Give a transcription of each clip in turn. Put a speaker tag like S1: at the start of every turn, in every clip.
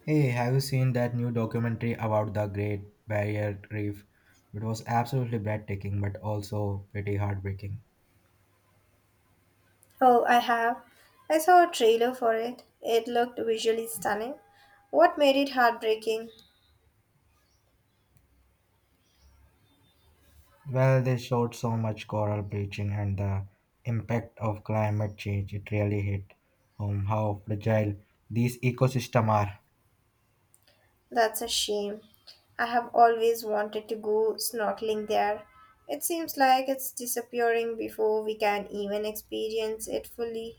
S1: Hey, have you seen that new documentary about the Great Barrier Reef? It was absolutely breathtaking but also pretty heartbreaking.
S2: Oh, I have. I saw a trailer for it. It looked visually stunning. What made it heartbreaking?
S1: Well, they showed so much coral bleaching and the impact of climate change. It really hit home how fragile these ecosystems are.
S2: That's a shame. I have always wanted to go snorkeling there. It seems like it's disappearing before we can even experience it fully.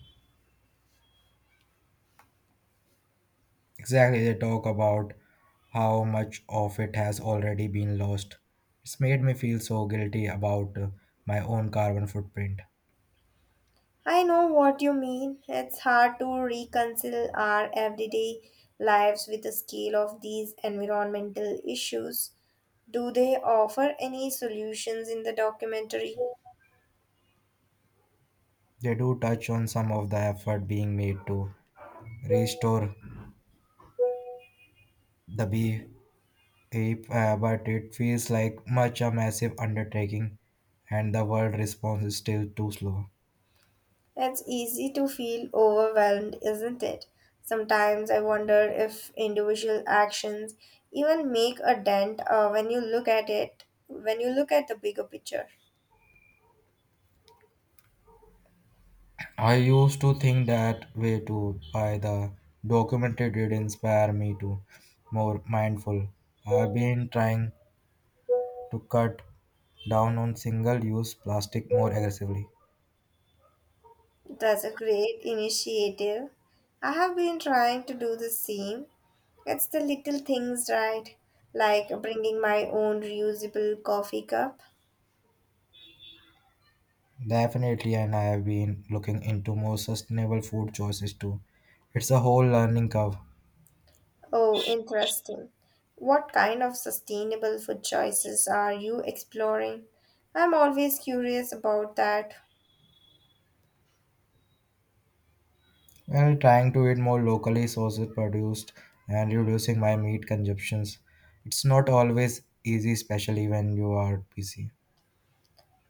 S1: Exactly, they talk about how much of it has already been lost. It's made me feel so guilty about my own carbon footprint.
S2: I know what you mean. It's hard to reconcile our everyday lives with the scale of these environmental issues. Do they offer any solutions in the documentary?
S1: They do touch on some of the effort being made to restore the bee ape, but it feels like much a massive undertaking, and the world response is still too slow.
S2: It's easy to feel overwhelmed, isn't it? Sometimes I wonder if individual actions even make a dent when you look at it, when you look at the bigger picture.
S1: I used to think that way too. By the documentary did inspire me to more mindful. I've been trying to cut down on single-use plastic more aggressively.
S2: That's a great initiative. I have been trying to do the same. It's the little things, right? Like bringing my own reusable coffee cup.
S1: Definitely, and I have been looking into more sustainable food choices too. It's a whole learning curve.
S2: Oh, interesting. What kind of sustainable food choices are you exploring? I'm always curious about that.
S1: Well, trying to eat more locally sourced produced and reducing my meat consumptions. It's not always easy, especially when you are busy.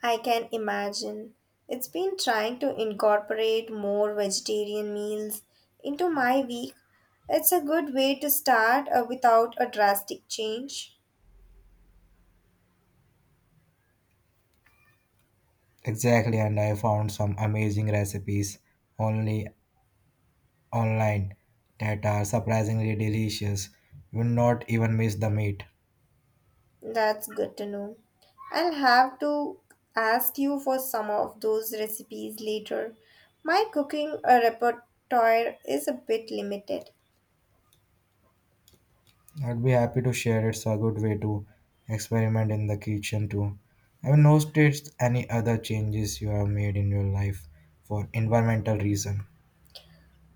S2: I can imagine. It's been trying to incorporate more vegetarian meals into my week. It's a good way to start without a drastic change.
S1: Exactly, and I found some amazing recipes only online that are surprisingly delicious. You will not even miss the meat.
S2: That's good to know. I'll have to ask you for some of those recipes later. My cooking repertoire is a bit limited.
S1: I'd be happy to share. It's a good way to experiment in the kitchen too. Have you noticed any other changes you have made in your life for environmental reason?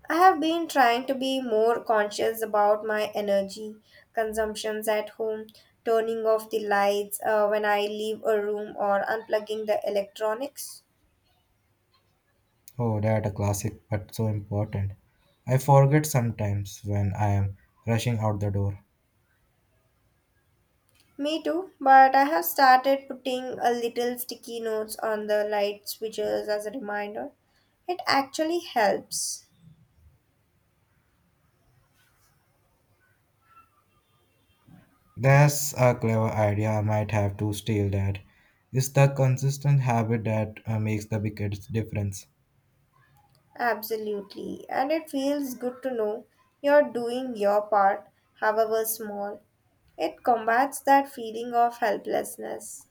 S2: I have been trying to be more conscious about my energy consumptions at home, turning off the lights when I leave a room or unplugging the electronics.
S1: Oh, that a classic, but so important. I forget sometimes when I am rushing out the door.
S2: Me too, but I have started putting a little sticky notes on the light switches as a reminder. It actually helps.
S1: That's a clever idea. I might have to steal that. It's the consistent habit that makes the biggest difference.
S2: Absolutely, and it feels good to know you're doing your part, however small. It combats that feeling of helplessness.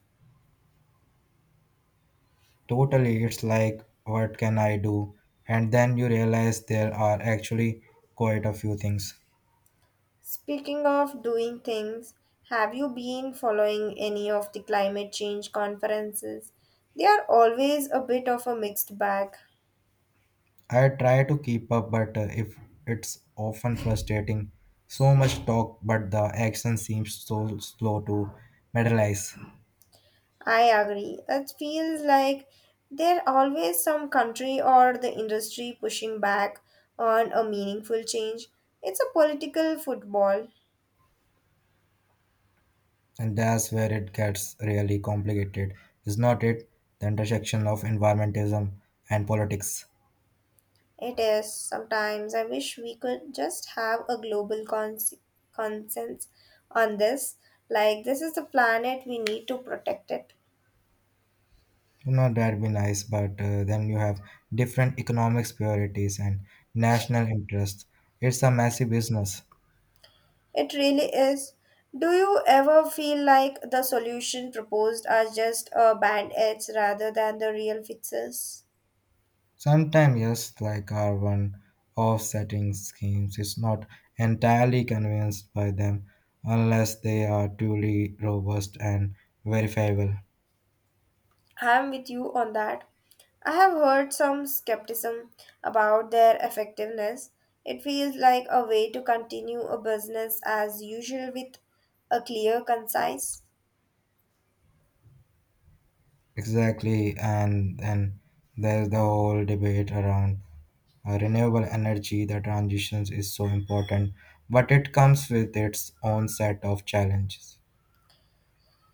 S1: Totally, it's like, what can I do? And then you realize there are actually quite a few things.
S2: Speaking of doing things, have you been following any of the climate change conferences? They are always a bit of a mixed bag.
S1: I try to keep up, but if it's often frustrating, so much talk, but the action seems so slow to materialize.
S2: I agree. It feels like there are always some country or the industry pushing back on a meaningful change. It's a political football.
S1: And that's where it gets really complicated, is not it? The intersection of environmentalism and politics.
S2: It is. Sometimes I wish we could just have a global consensus on this. Like, this is the planet, we need to protect it.
S1: You know, that'd be nice, but then you have different economic priorities and national interests. It's a massive business.
S2: It really is. Do you ever feel like the solution proposed are just band aids rather than the real fixes?
S1: Sometimes, yes, like our one offsetting schemes, it's not entirely convinced by them unless they are truly robust and verifiable.
S2: I'm with you on that. I have heard some skepticism about their effectiveness. It feels like a way to continue a business as usual with a clear, concise.
S1: Exactly, and then there's the whole debate around renewable energy, the transitions is so important, but it comes with its own set of challenges,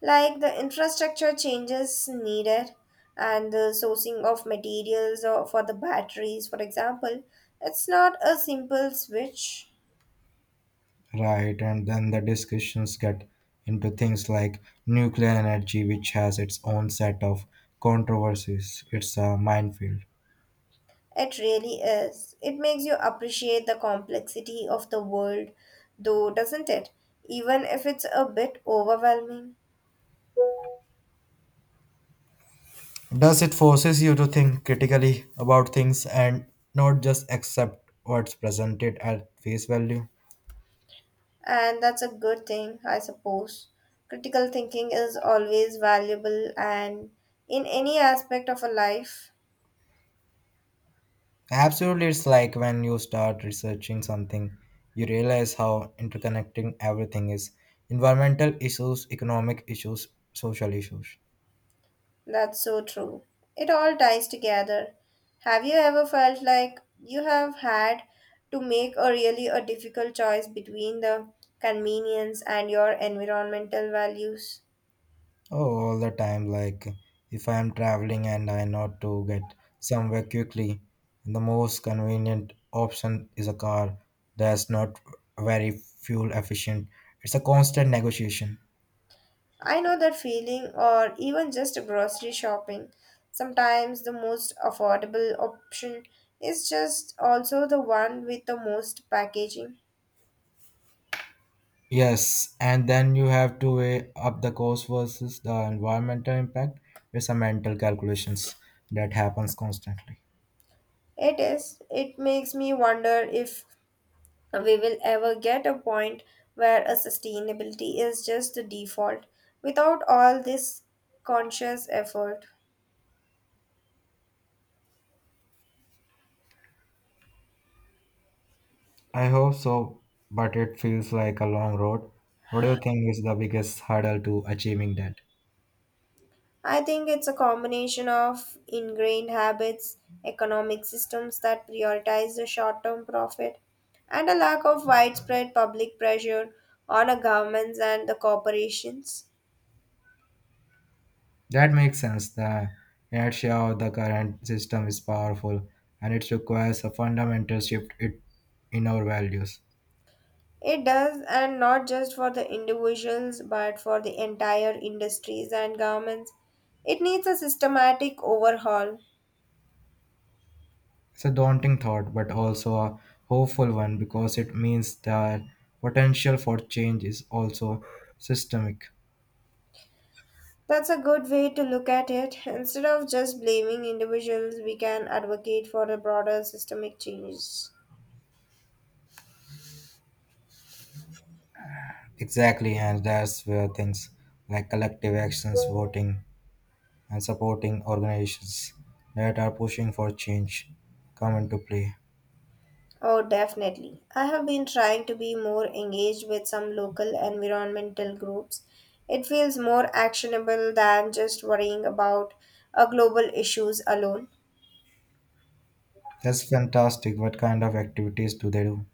S2: Like the infrastructure changes needed and the sourcing of materials or for the batteries, for example, it's not a simple switch.
S1: right? And then the discussions get into things like nuclear energy, which has its own set of controversies. It's a minefield.
S2: It really is. It makes you appreciate the complexity of the world, though, doesn't it, even if it's a bit overwhelming.
S1: Does it forces you to think critically about things and not just accept what's presented at face value?
S2: And that's a good thing, I suppose. Critical thinking is always valuable and in any aspect of a life.
S1: Absolutely, it's like when you start researching something, you realize how interconnecting everything is environmental issues, economic issues, social issues.
S2: That's so true. It all ties together. Have you ever felt like you have had to make a really a difficult choice between the convenience and your environmental values?
S1: Oh, all the time. Like, if I am traveling and I not to get somewhere quickly, the most convenient option is a car that's not very fuel efficient. It's a constant negotiation.
S2: I know that feeling, or even just grocery shopping. Sometimes the most affordable option is just also the one with the most packaging.
S1: Yes, and then you have to weigh up the cost versus the environmental impact. It's a mental calculations that happens constantly.
S2: It is. It makes me wonder if we will ever get a point where a sustainability is just the default without all this conscious effort.
S1: I hope so, but it feels like a long road. What do you think is the biggest hurdle to achieving that?
S2: I think it's a combination of ingrained habits, economic systems that prioritize the short term profit, and a lack of widespread public pressure on the governments and the corporations.
S1: That makes sense. The inertia of the current system is powerful and it requires a fundamental shift in our values.
S2: It does, and not just for the individuals but for the entire industries and governments. It needs a systematic overhaul.
S1: It's a daunting thought, but also a hopeful one because it means that potential for change is also systemic.
S2: That's a good way to look at it. Instead of just blaming individuals, we can advocate for a broader systemic change.
S1: Exactly, and that's where things like collective actions, voting, and supporting organizations that are pushing for change come into play.
S2: Oh, definitely. I have been trying to be more engaged with some local environmental groups. It feels more actionable than just worrying about a global issues alone.
S1: That's fantastic. What kind of activities do they do?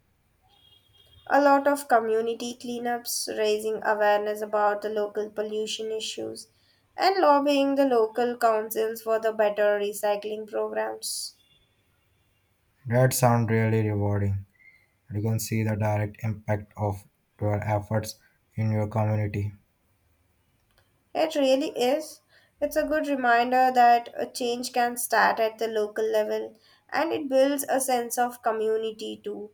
S2: A lot of community cleanups, raising awareness about the local pollution issues, and lobbying the local councils for the better recycling programs.
S1: That sound really rewarding. You can see the direct impact of your efforts in your community.
S2: It really is. It's a good reminder that a change can start at the local level and it builds a sense of community too.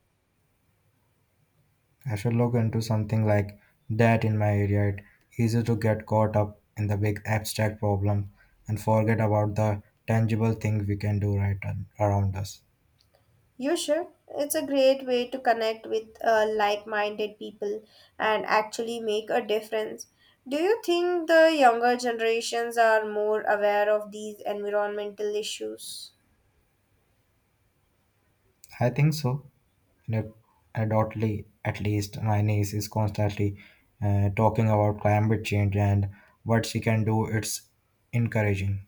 S1: I should look into something like that in my area. It's easy to get caught up in the big abstract problem and forget about the tangible thing we can do right on, around us.
S2: You should. It's a great way to connect with like minded people and actually make a difference. Do you think the younger generations are more aware of these environmental issues?
S1: I think so. And it- adultly, at least, my niece is constantly talking about climate change and what she can do. It's encouraging.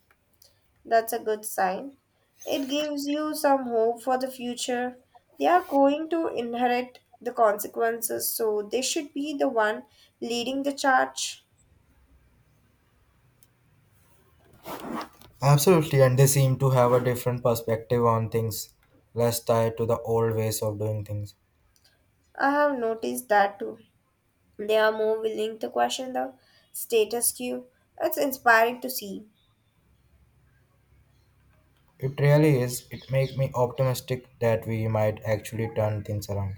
S2: That's a good sign. It gives you some hope for the future. They are going to inherit the consequences, so they should be the one leading the charge.
S1: Absolutely, and they seem to have a different perspective on things, less tied to the old ways of doing things.
S2: I have noticed that too. They are more willing to question the status quo. It's inspiring to see.
S1: It really is. It makes me optimistic that we might actually turn things around.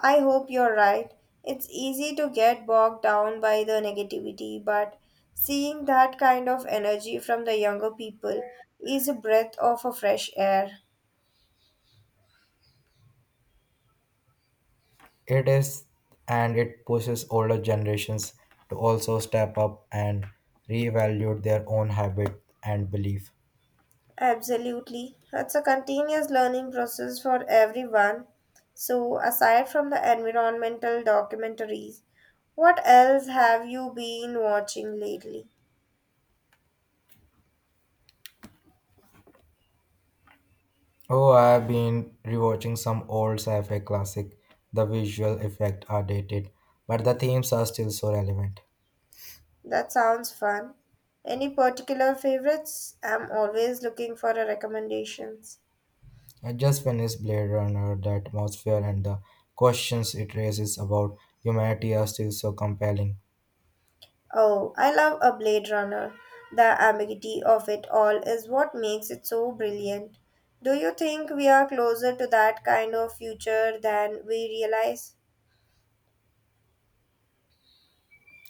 S2: I hope you're right. It's easy to get bogged down by the negativity, but seeing that kind of energy from the younger people is a breath of a fresh air.
S1: It is, and it pushes older generations to also step up and reevaluate their own habit and belief.
S2: Absolutely. It's a continuous learning process for everyone. So, aside from the environmental documentaries, what else have you been watching lately?
S1: Oh, I've been rewatching some old sci-fi classic. The visual effects are dated, but the themes are still so relevant.
S2: That sounds fun. Any particular favorites? I'm always looking for a recommendations.
S1: I just finished Blade Runner. The atmosphere and the questions it raises about humanity are still so compelling.
S2: Oh, I love a Blade Runner. The ambiguity of it all is what makes it so brilliant. Do you think we are closer to that kind of future than we realize?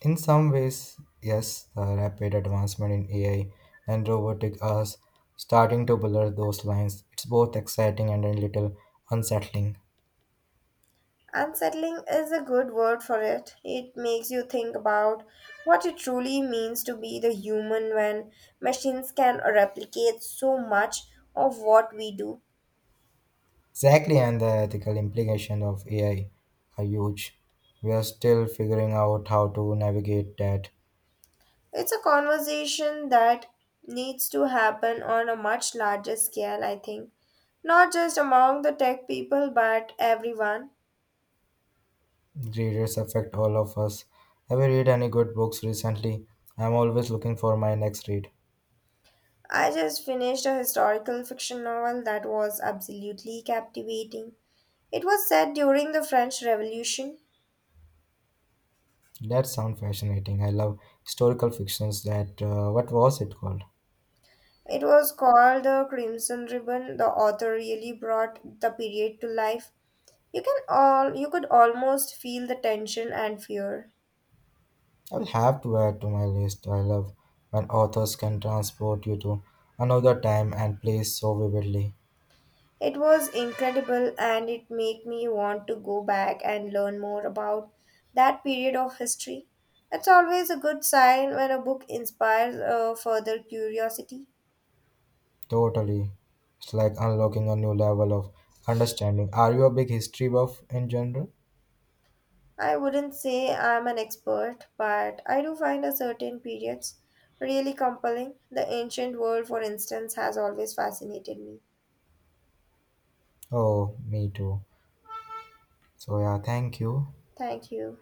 S1: In some ways, yes, the rapid advancement in AI and robotic are starting to blur those lines. It's both exciting and a little unsettling.
S2: Unsettling is a good word for it. It makes you think about what it truly means to be the human when machines can replicate so much of what we do.
S1: Exactly, and the ethical implications of AI are huge. We are still figuring out how to navigate that.
S2: It's a conversation that needs to happen on a much larger scale, I think. Not just among the tech people, but everyone.
S1: Readers affect all of us. Have you read any good books recently? I'm always looking for my next read.
S2: I just finished a historical fiction novel that was absolutely captivating. It was set during the French Revolution.
S1: That sounds fascinating. I love historical fictions. That what was it called?
S2: It was called the Crimson Ribbon. The author really brought the period to life. You can all you could almost feel the tension and fear.
S1: I'll have to add to my list. I love when authors can transport you to another time and place so vividly.
S2: It was incredible and it made me want to go back and learn more about that period of history. It's always a good sign when a book inspires further curiosity.
S1: Totally. It's like unlocking a new level of understanding. Are you a big history buff in general?
S2: I wouldn't say I'm an expert, but I do find a certain periods really compelling. The ancient world, for instance, has always fascinated me.
S1: Oh, me too. So, yeah, thank you.
S2: Thank you.